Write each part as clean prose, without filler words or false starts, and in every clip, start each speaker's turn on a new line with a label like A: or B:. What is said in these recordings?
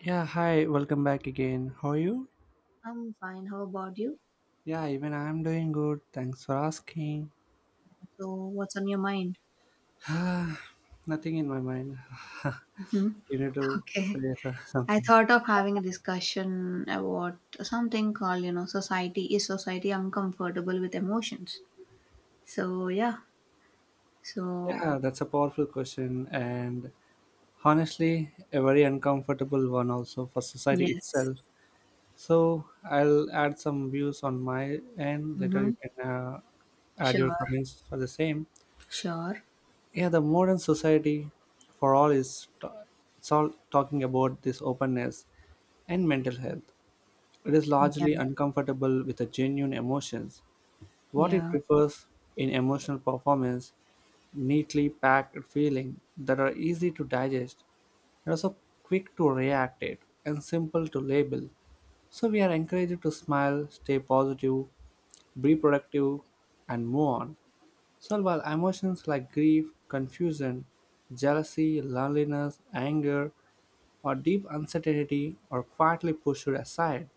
A: Yeah, hi, welcome back again. How are you?
B: I'm fine. How about you?
A: Yeah, even I'm doing good. Thanks for asking.
B: So, what's on your mind?
A: Nothing in my mind.
B: Mhm.
A: you need to
B: Okay.
A: say
B: I
A: something.
B: thought of having a discussion about something called, society. Is society uncomfortable with emotions? So, yeah. So,
A: Yeah, that's a powerful question, and honestly, a very uncomfortable one also for society
B: yes.
A: itself. So, I'll add some views on my end. Later,
B: Mm-hmm.
A: you can add your
B: Sure.
A: comments for the same.
B: Sure.
A: Yeah, the modern society, for all, it's all talking about this openness and mental health. It is
B: Yeah.
A: largely uncomfortable with the genuine emotions. What it
B: Yeah.
A: prefers in emotional performance, neatly packed feeling that are easy to digest and also quick to react it and simple to label. So we are encouraged to smile, stay positive, be productive and move on. So while emotions like grief, confusion, jealousy, loneliness, anger, or deep uncertainty are quietly pushed aside,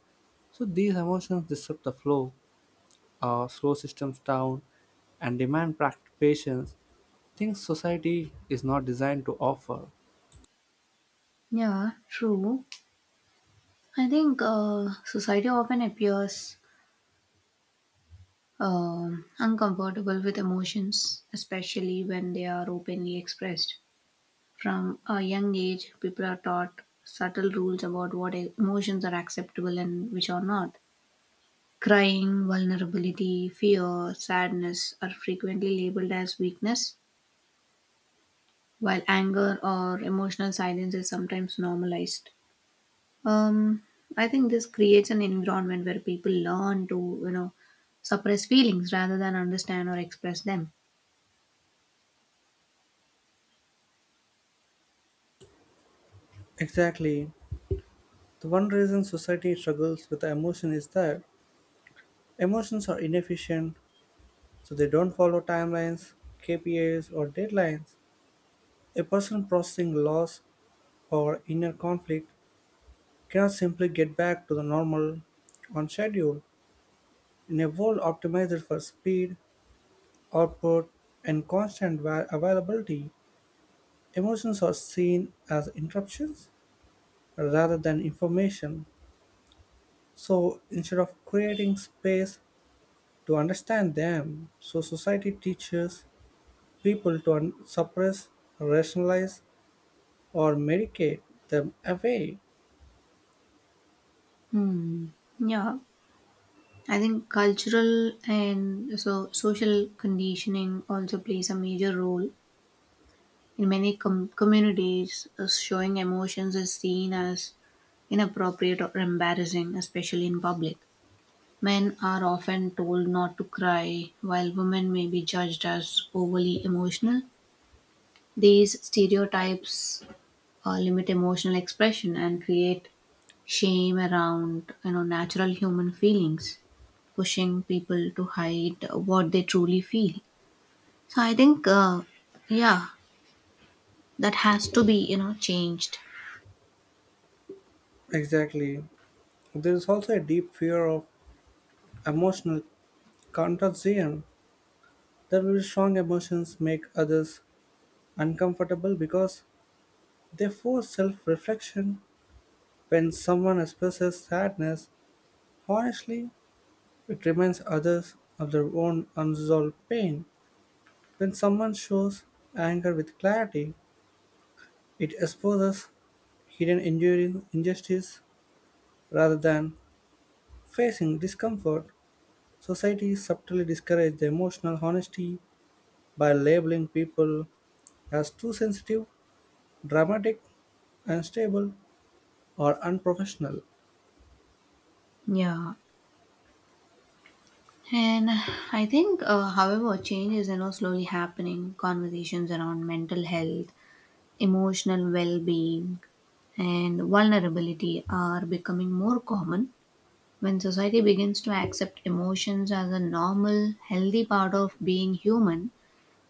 A: so these emotions disrupt the flow, slow systems down, and demand practice patience. Things society is not designed to offer.
B: Yeah. True. I think society often appears uncomfortable with emotions, especially when they are openly expressed. From a young age, people are taught subtle rules about what emotions are acceptable and which are not. Crying, vulnerability, fear, sadness are frequently labeled as weakness, while anger or emotional silence is sometimes normalized. Um, I think this creates an environment where people learn to, suppress feelings rather than understand or express them.
A: Exactly. The one reason society struggles with the emotion is that emotions are inefficient, so they don't follow timelines, KPIs, or deadlines. A person processing loss or inner conflict cannot simply get back to the normal on schedule in a world optimized for speed, output, and constant availability. Emotions are seen as interruptions rather than information. So instead of creating space to understand them, so society teaches people to suppress, rationalize, or medicate them away.
B: Hmm. Yeah. I think cultural and so social conditioning also plays a major role. In many communities, showing emotions is seen as inappropriate or embarrassing, especially in public. Men are often told not to cry, while women may be judged as overly emotional. These stereotypes limit emotional expression and create shame around natural human feelings, pushing people to hide what they truly feel. So I think yeah, that has to be changed.
A: Exactly. There is also a deep fear of emotional Contrarian, that will strong emotions make others uncomfortable because they force self reflection. When someone expresses sadness, honestly, it reminds others of their own unresolved pain. When someone shows anger with clarity, it exposes hidden injury, injustice rather than facing discomfort. Society subtly discourages the emotional honesty by labeling people as too sensitive dramatic, unstable, or unprofessional.
B: Yeah, and I think however, change is slowly happening. Conversations around mental health, emotional well-being, and vulnerability are becoming more common. When society begins to accept emotions as a normal, healthy part of being human,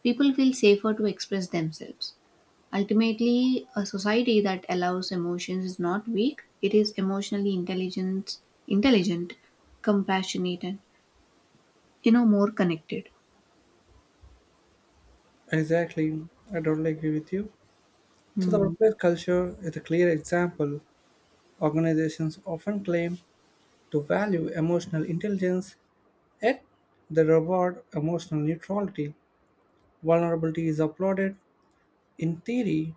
B: people feel safer to express themselves. Ultimately, a society that allows emotions is not weak, it is emotionally intelligent, compassionate, and, more connected.
A: Exactly, I totally agree with you. So, the
B: Hmm.
A: workplace culture is a clear example. Organizations often claim to value emotional intelligence, yet they reward emotional neutrality. Vulnerability is applauded in theory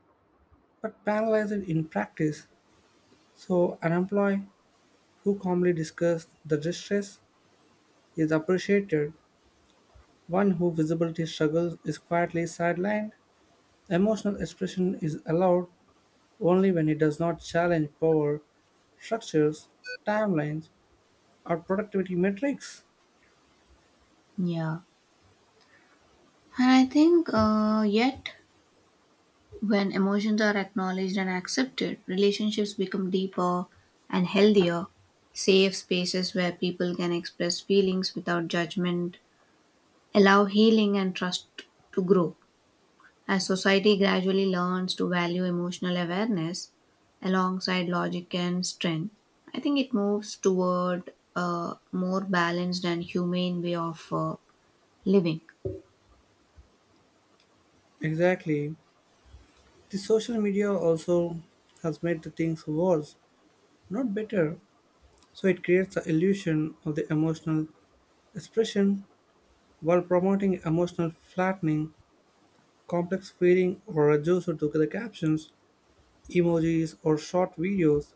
A: but penalized in practice. So, an employee who calmly discusses the distress is appreciated, one who visibility struggles is quietly sidelined. Emotional expression is allowed only when it does not challenge power structures, timelines, or productivity metrics.
B: Yeah. And I think, yet when emotions are acknowledged and accepted, relationships become deeper and healthier. Safe spaces where people can express feelings without judgment allow healing and trust to grow. As society gradually learns to value emotional awareness alongside logic and strength, I think it moves toward a more balanced and humane way of living.
A: Exactly. The social media also has made the things worse, not better. So it creates the illusion of the emotional expression while promoting emotional flattening, complex feeling, or reduced to the captions, emojis, or short videos.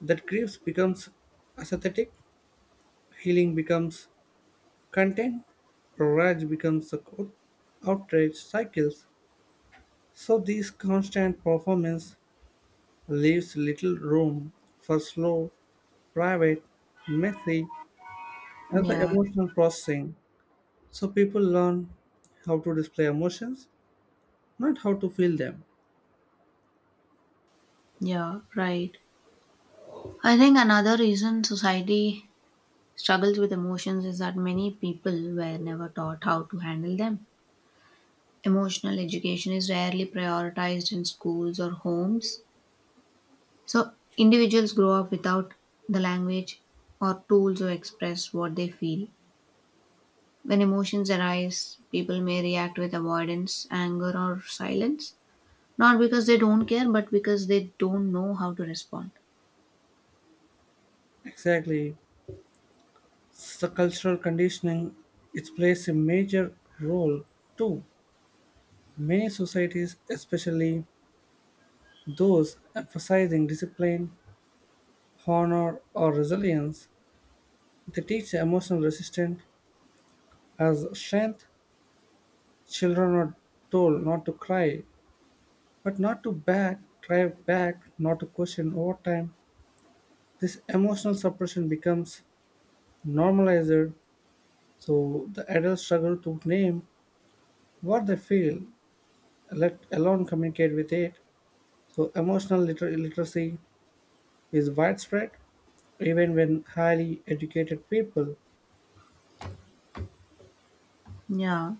A: That grief becomes aesthetic, healing becomes content, rage becomes a court, outrage cycles, so this constant performance leaves little room for slow, private, messy, and the
B: Yeah,
A: emotional processing. So people learn how to display emotions, not how to feel them.
B: yeah, right. I think another reason society struggles with emotions is that many people were never taught how to handle them. Emotional education is rarely prioritized in schools or homes. So, individuals grow up without the language or tools to express what they feel. When emotions arise, people may react with avoidance, anger, or silence. Not because they don't care, but because they don't know how to respond.
A: Exactly. The cultural conditioning it plays a major role too. Many societies, especially those emphasizing discipline, honor, or resilience, they teach emotional resistance as strength. Children are told not to cry, but not to back, cry back, not to question over time. This emotional suppression becomes normalized, so the adults struggle to name what they feel, let alone communicate with it. So, emotional literacy is widespread even when highly educated people.
B: Yeah.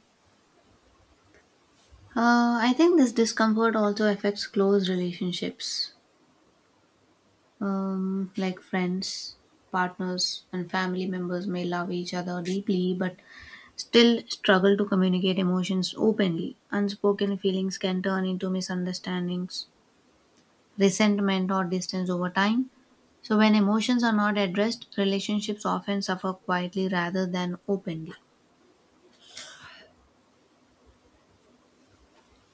B: I think this discomfort also affects close relationships. Like friends, partners, and family members may love each other deeply but still struggle to communicate emotions openly. Unspoken feelings can turn into misunderstandings, resentment, or distance over time. So, when emotions are not addressed, relationships often suffer quietly rather than openly.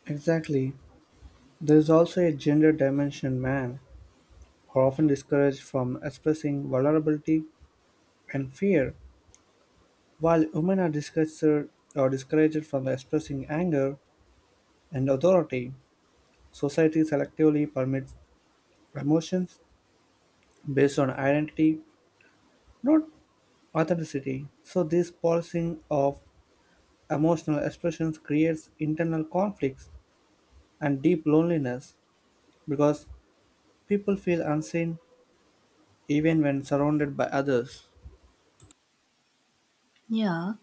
A: Exactly. There is also a gender dimension, man. Are often discouraged from expressing vulnerability and fear, while women are discouraged, or discouraged from expressing anger and authority. Society selectively permits emotions based on identity, not authenticity. So, this policing of emotional expressions creates internal conflicts and deep loneliness because people feel unseen even when surrounded by others.
B: Yeah,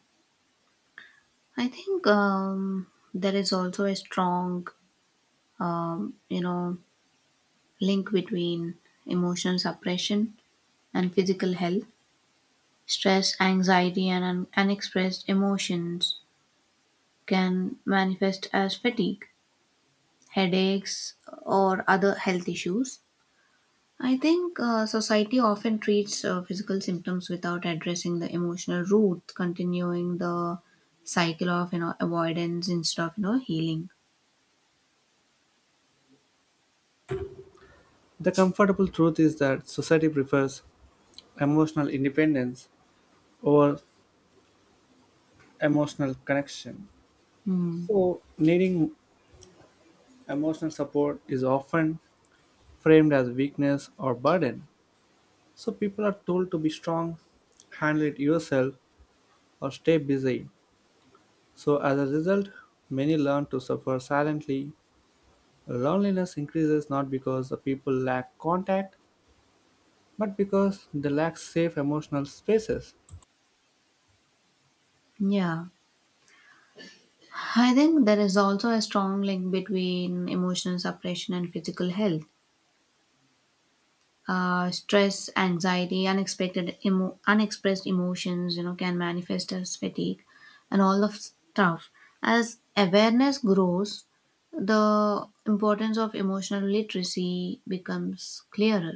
B: I think there is also a strong, um, you know, link between emotional suppression and physical health. Stress, anxiety, and unexpressed emotions can manifest as fatigue, headaches, or other health issues. I think society often treats physical symptoms without addressing the emotional root, continuing the cycle of avoidance instead of healing.
A: The comfortable truth is that society prefers emotional independence over emotional connection.
B: Hmm.
A: So, needing emotional support is often framed as weakness or burden. So, people are told to be strong, handle it yourself, or stay busy. So, as a result, many learn to suffer silently. Loneliness increases not because the people lack contact, but because they lack safe emotional spaces.
B: Yeah, I think there is also a strong link between emotional suppression and physical health. Stress, anxiety, unexpressed emotions, can manifest as fatigue and all of stuff. As awareness grows, the importance of emotional literacy becomes clearer.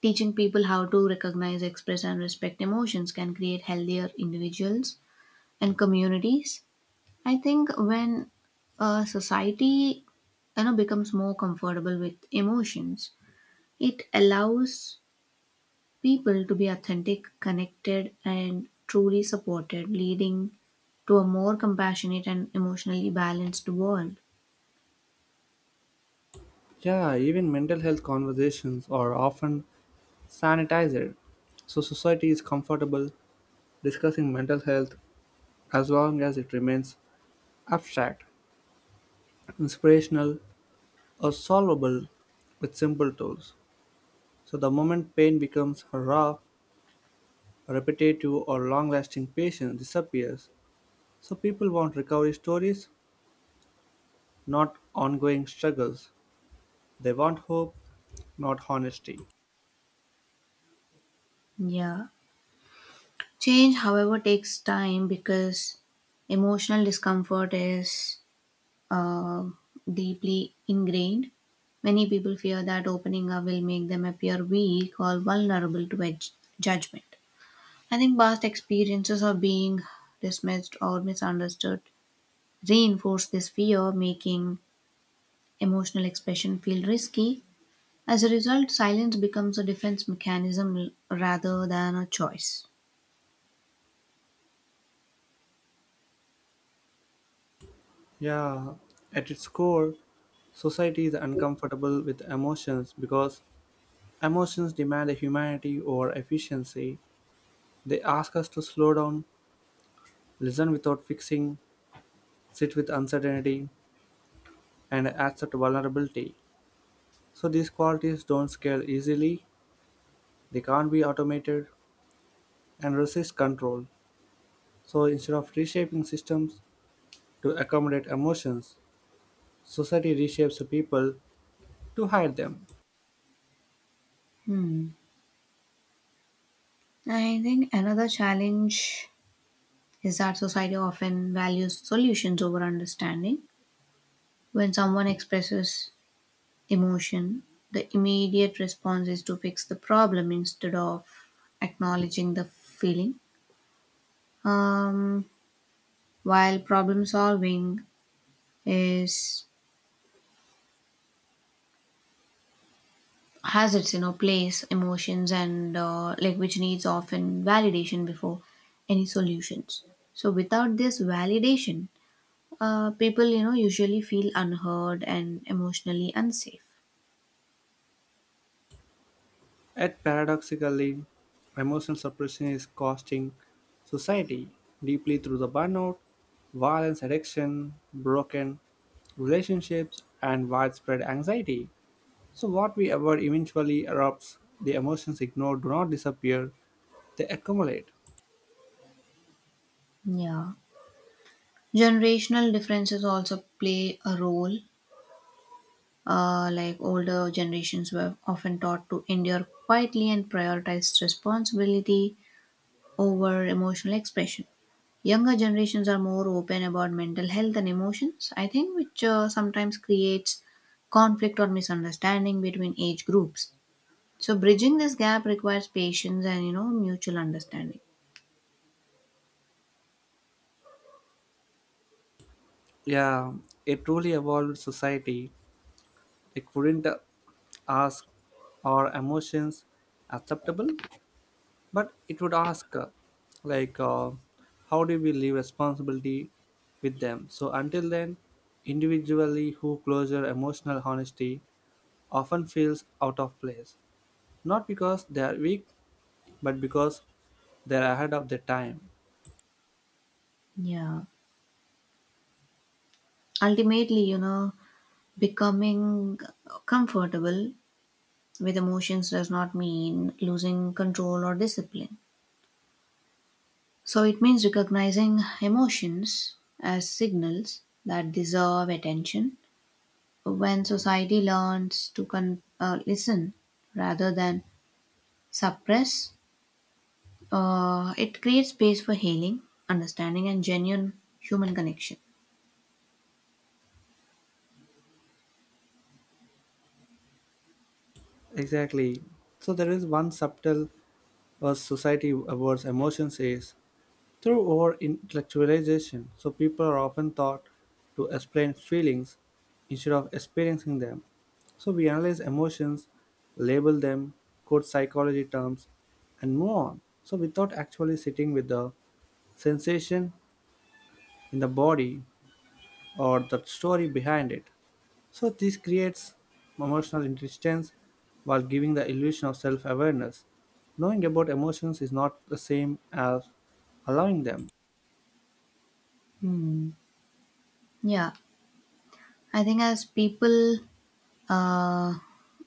B: Teaching people how to recognize, express, and respect emotions can create healthier individuals and communities. I think when a society becomes more comfortable with emotions, it allows people to be authentic, connected, and truly supported, leading to a more compassionate and emotionally balanced world.
A: Yeah, even mental health conversations are often sanitizer, so society is comfortable discussing mental health as long as it remains abstract, inspirational, or solvable with simple tools. So the moment pain becomes raw, repetitive, or long lasting, patience disappears. So people want recovery stories, not ongoing struggles. They want hope, not honesty.
B: Yeah. Change, however, takes time because emotional discomfort is uh, deeply ingrained. Many people fear that opening up will make them appear weak or vulnerable to judgment. I think past experiences of being dismissed or misunderstood reinforce this fear, making emotional expression feel risky. As a result, silence becomes a defense mechanism rather than a choice.
A: Yeah, at its core, society is uncomfortable with emotions because emotions demand a humanity over efficiency. They ask us to slow down, listen without fixing, sit with uncertainty, and accept vulnerability. So these qualities don't scale easily, they can't be automated, and resist control. So instead of reshaping systems to accommodate emotions, society reshapes people to hide them.
B: Hmm. I think another challenge is that society often values solutions over understanding. When someone expresses emotion, the immediate response is to fix the problem instead of acknowledging the feeling. Um, while problem solving is has its place, emotions and, like, which needs often validation before any solutions. So without this validation, people usually feel unheard and emotionally unsafe.
A: Yet paradoxically, emotional suppression is costing society deeply through the burnout, violence, addiction, broken relationships, and widespread anxiety. So, what we avoid eventually erupts. The emotions ignored do not disappear, they accumulate.
B: Yeah, generational differences also play a role. Like older generations were often taught to endure quietly and prioritize responsibility over emotional expression. Younger generations are more open about mental health and emotions, I think, which sometimes creates conflict or misunderstanding between age groups. So bridging this gap requires patience and mutual understanding.
A: Yeah, a truly evolved society it wouldn't ask, are emotions acceptable? But it would ask like uh, how do we leave responsibility with them, so until then individually who closure emotional honesty often feels out of place, not because they are weak but because they are ahead of their time.
B: Yeah. Ultimately, becoming comfortable with emotions does not mean losing control or discipline. So it means recognizing emotions as signals that deserve attention. When society learns to listen rather than suppress, it creates space for healing, understanding, and genuine human connection.
A: Exactly, so there is one subtle society awards emotions is through over intellectualization, so people are often taught to explain feelings instead of experiencing them. So we analyze emotions, label them, quote psychology terms, and move on. So without actually sitting with the sensation in the body or the story behind it. So this creates emotional distance while giving the illusion of self awareness. Knowing about emotions is not the same as allowing them.
B: Hmm. Yeah, I think as uh,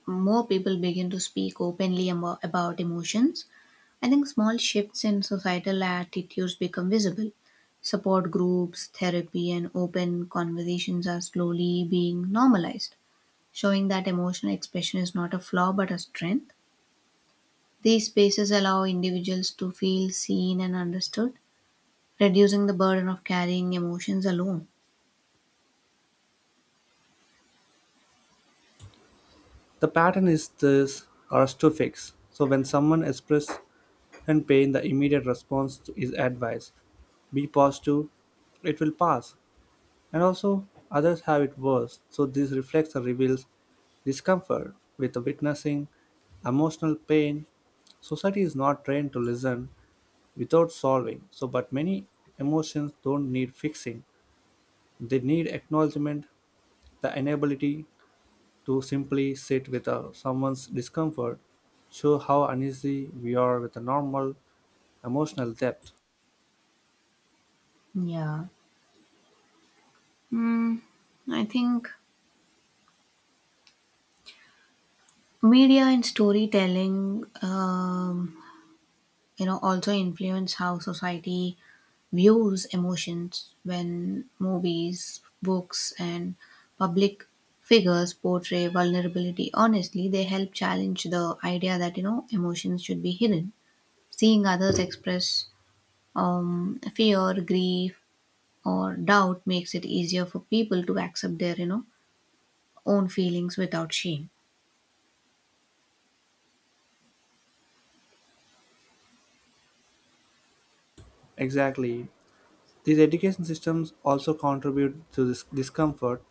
B: more people begin to speak openly about emotions, I think small shifts in societal attitudes become visible. Support groups, therapy, and open conversations are slowly being normalized, showing that emotional expression is not a flaw but a strength. These spaces allow individuals to feel seen and understood, reducing the burden of carrying emotions alone.
A: The pattern is this "arrest-to-fix," so when someone expresses and pain the immediate response is advice. Be positive, it will pass. And also others have it worse, so this reflects or reveals discomfort with the witnessing emotional pain. Society is not trained to listen without solving, so but many emotions don't need fixing. They need acknowledgement, the inability to simply sit with someone's discomfort show how uneasy we are with a normal emotional depth.
B: Yeah. Hmm. I think media and storytelling, also influence how society views emotions. When movies, books, and public figures portray vulnerability honestly, they help challenge the idea that emotions should be hidden. Seeing others express fear, grief, or doubt makes it easier for people to accept their, own feelings without shame.
A: Exactly. These education systems also contribute to this discomfort.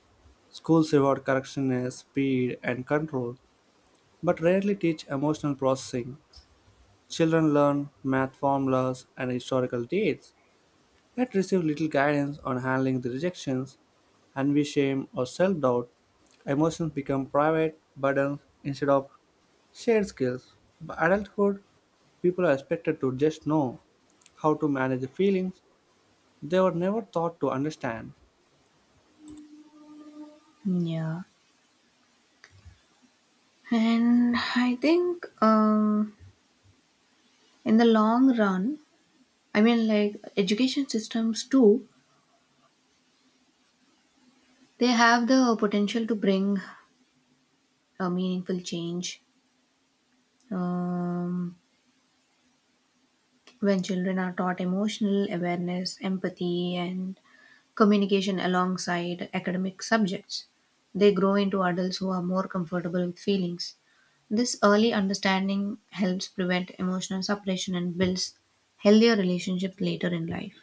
A: Schools reward correctness, speed, and control, but rarely teach emotional processing. Children learn math formulas and historical dates, yet receive little guidance on handling the rejections, envy, shame, or self doubt. Emotions become private burdens instead of shared skills. By adulthood, people are expected to just know how to manage feelings they were never taught to understand.
B: Yeah, and I think in the long run, I mean, like, education systems too, they have the potential to bring a meaningful change, um, when children are taught emotional awareness, empathy, and communication alongside academic subjects. They grow into adults who are more comfortable with feelings. This early understanding helps prevent emotional separation and builds healthier relationships later in life.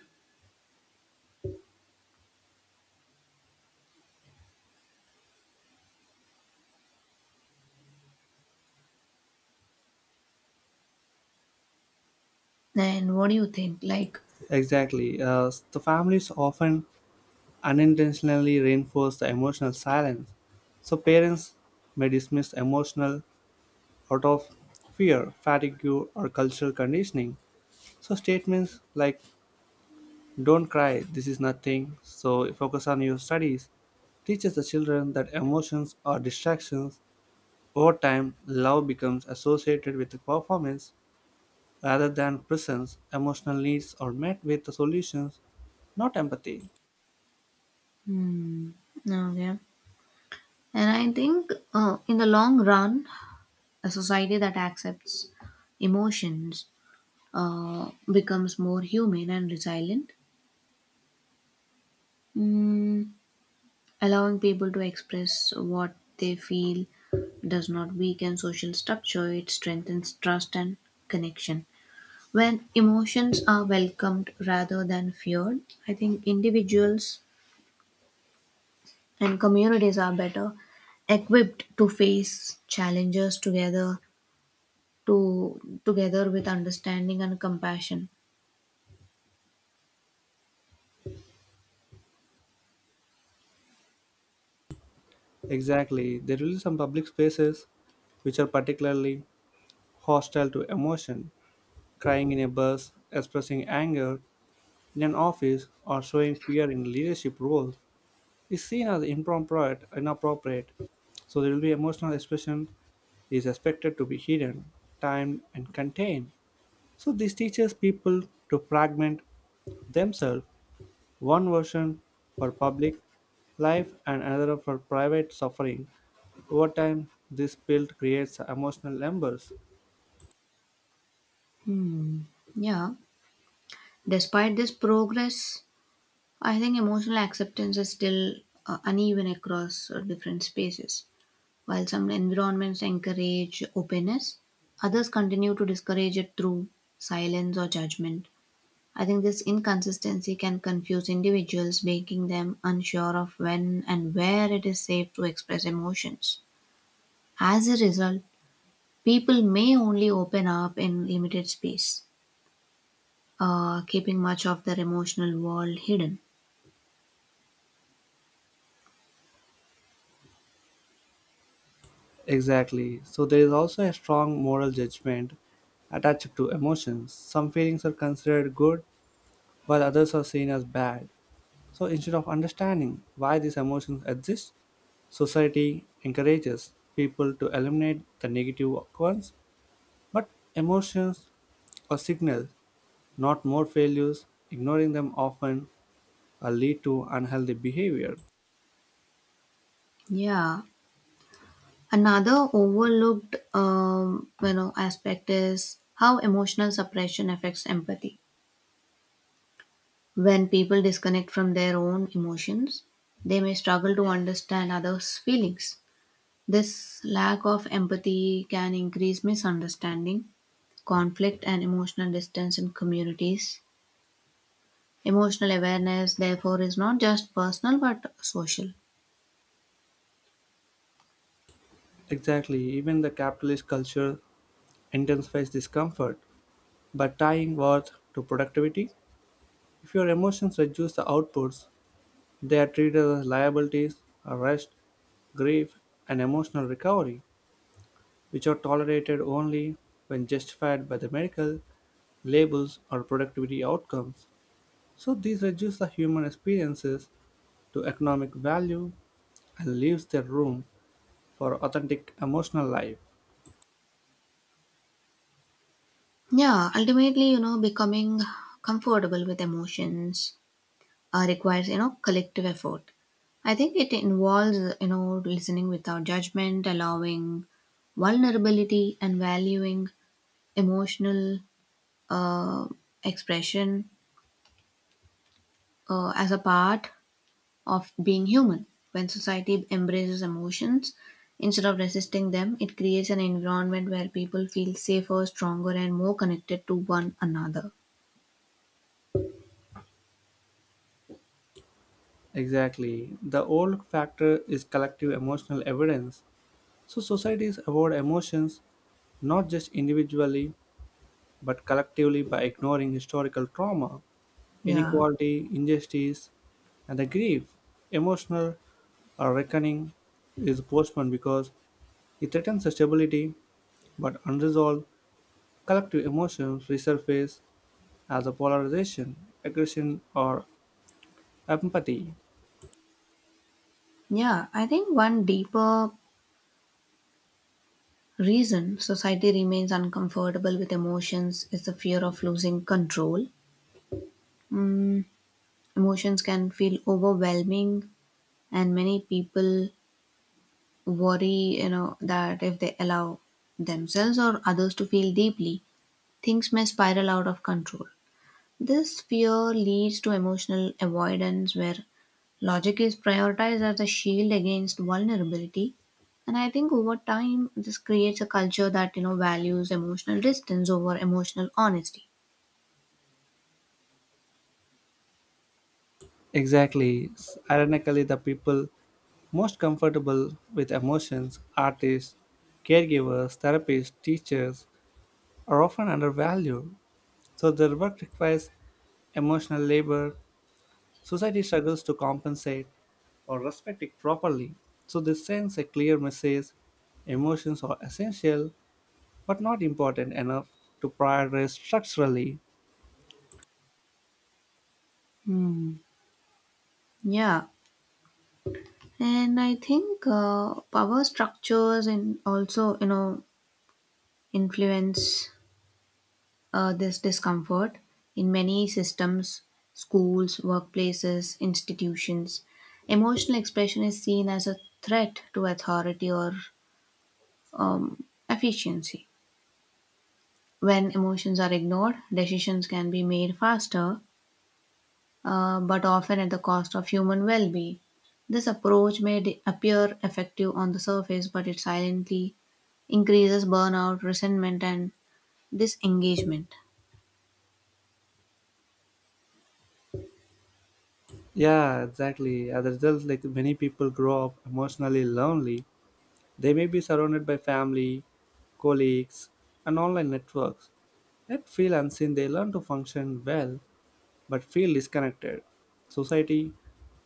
B: And what do you think? Like,
A: Exactly. The families often unintentionally reinforce the emotional silence. So parents may dismiss emotional out of fear, fatigue, or cultural conditioning. So statements like "Don't cry, this is nothing." So focus on your studies teaches the children that emotions are distractions. Over time, love becomes associated with performance rather than presence. Emotional needs are met with solutions, not empathy.
B: hmm, okay. And I think in the long run, a society that accepts emotions becomes more human and resilient, mm, allowing people to express what they feel. Does not weaken social structure, it strengthens trust and connection. When emotions are welcomed rather than feared, I think individuals and communities are better equipped to face challenges together to together with understanding and compassion.
A: Exactly, there will be some public spaces which are particularly hostile to emotion. Crying in a bus, expressing anger in an office, or showing fear in leadership roles is seen as improper, inappropriate. So there will be emotional expression is expected to be hidden, timed, and contained. So this teaches people to fragment themselves, one version for public life and another for private suffering. Over time, this build creates emotional embers.
B: Hmm. Yeah. Despite this progress, I think emotional acceptance is still uneven across different spaces. While some environments encourage openness, others continue to discourage it through silence or judgment. I think this inconsistency can confuse individuals, making them unsure of when and where it is safe to express emotions. As a result, people may only open up in limited space, keeping much of their emotional world hidden.
A: Exactly. So there is also a strong moral judgment attached to emotions. Some feelings are considered good, while others are seen as bad. So instead of understanding why these emotions exist, society encourages people to eliminate the negative ones. But emotions or signals. Not more failures. Ignoring them often lead to unhealthy behavior.
B: Yeah. Another overlooked, aspect is how emotional suppression affects empathy. When people disconnect from their own emotions, they may struggle to understand others' feelings. This lack of empathy can increase misunderstanding, conflict, and emotional distance in communities. Emotional awareness, therefore, is not just personal but social.
A: Exactly, even the capitalist culture intensifies discomfort. By tying worth to productivity, if your emotions reduce the outputs, they are treated as liabilities, arrest, grief, and emotional recovery, which are tolerated only when justified by the medical labels or productivity outcomes. So these reduce the human experiences to economic value and leaves the room for authentic emotional life.
B: Yeah, ultimately, becoming comfortable with emotions requires, collective effort. I think it involves, listening without judgment, allowing vulnerability, and valuing emotional, uh, expression, as a part of being human. When society embraces emotions instead of resisting them, it creates an environment where people feel safer, stronger, and more connected to one another.
A: Exactly. The old factor is collective emotional evidence. So societies avoid emotions not just individually but collectively by ignoring historical trauma,
B: Yeah.
A: inequality, injustice, and the grief. Emotional reckoning is postponed because it threatens the stability, but unresolved collective emotions resurface as a polarization, aggression, or empathy.
B: Yeah, I think one deeper reason society remains uncomfortable with emotions is the fear of losing control. Mm, emotions can feel overwhelming, and many people worry, that if they allow themselves or others to feel deeply, things may spiral out of control. This fear leads to emotional avoidance where logic is prioritized as a shield against vulnerability. And I think over time, this creates a culture that, values emotional distance over emotional honesty.
A: Exactly. Ironically, the people most comfortable with emotions, artists, caregivers, therapists, teachers, are often undervalued. So their work requires emotional labor. Society struggles to compensate or respect it properly. So this sends a clear message emotions are essential but not important enough to prioritize structurally.
B: Hmm. Yeah. And I think power structures and also, influence this discomfort in many systems: schools, workplaces, institutions. Emotional expression is seen as a threat to authority or efficiency. When emotions are ignored, decisions can be made faster, but often at the cost of human well being. This approach may appear effective on the surface, but it silently increases burnout, resentment, and disengagement.
A: Yeah, exactly. As a result, like many people grow up emotionally lonely. They may be surrounded by family, colleagues, and online networks. Yet feel unseen, they learn to function well but feel disconnected. Society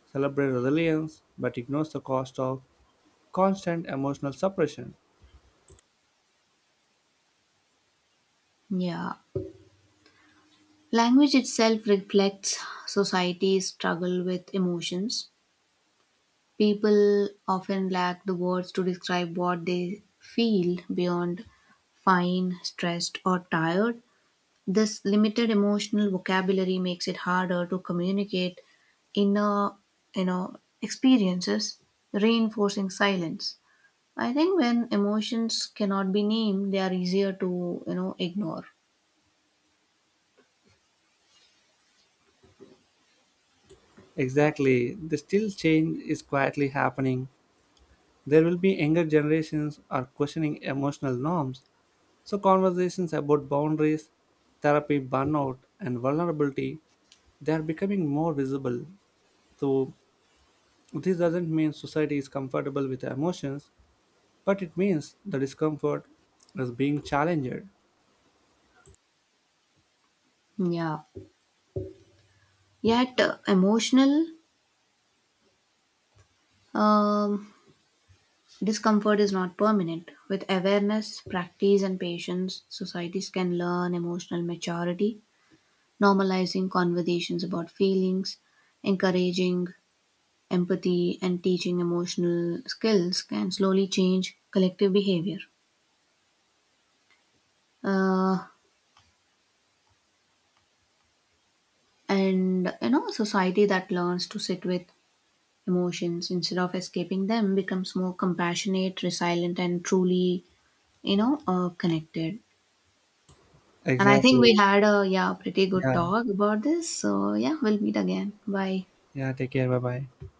A: celebrates resilience but ignores the cost of constant emotional suppression.
B: Yeah. Language itself reflects society's struggle with emotions. People often lack the words to describe what they feel beyond fine, stressed, or tired. This limited emotional vocabulary makes it harder to communicate inner, you know, experiences, reinforcing silence. I think when emotions cannot be named, they are easier to, ignore.
A: Exactly, the still change is quietly happening. There will be younger generations are questioning emotional norms, so conversations about boundaries, therapy, burnout, and vulnerability they are becoming more visible. So this doesn't mean society is comfortable with emotions, but it means the discomfort is being challenged.
B: Yeah. Yet, emotional um, discomfort is not permanent. With awareness, practice, and patience, societies can learn emotional maturity. Normalizing conversations about feelings, encouraging empathy, and teaching emotional skills can slowly change collective behavior. Uh, and a society that learns to sit with emotions instead of escaping them becomes more compassionate, resilient, and truly, connected. And I think
A: Exactly.
B: we had a, yeah, pretty good
A: Yeah.
B: talk about this. So, yeah, we'll meet again. Bye.
A: Yeah. Take care. Bye bye.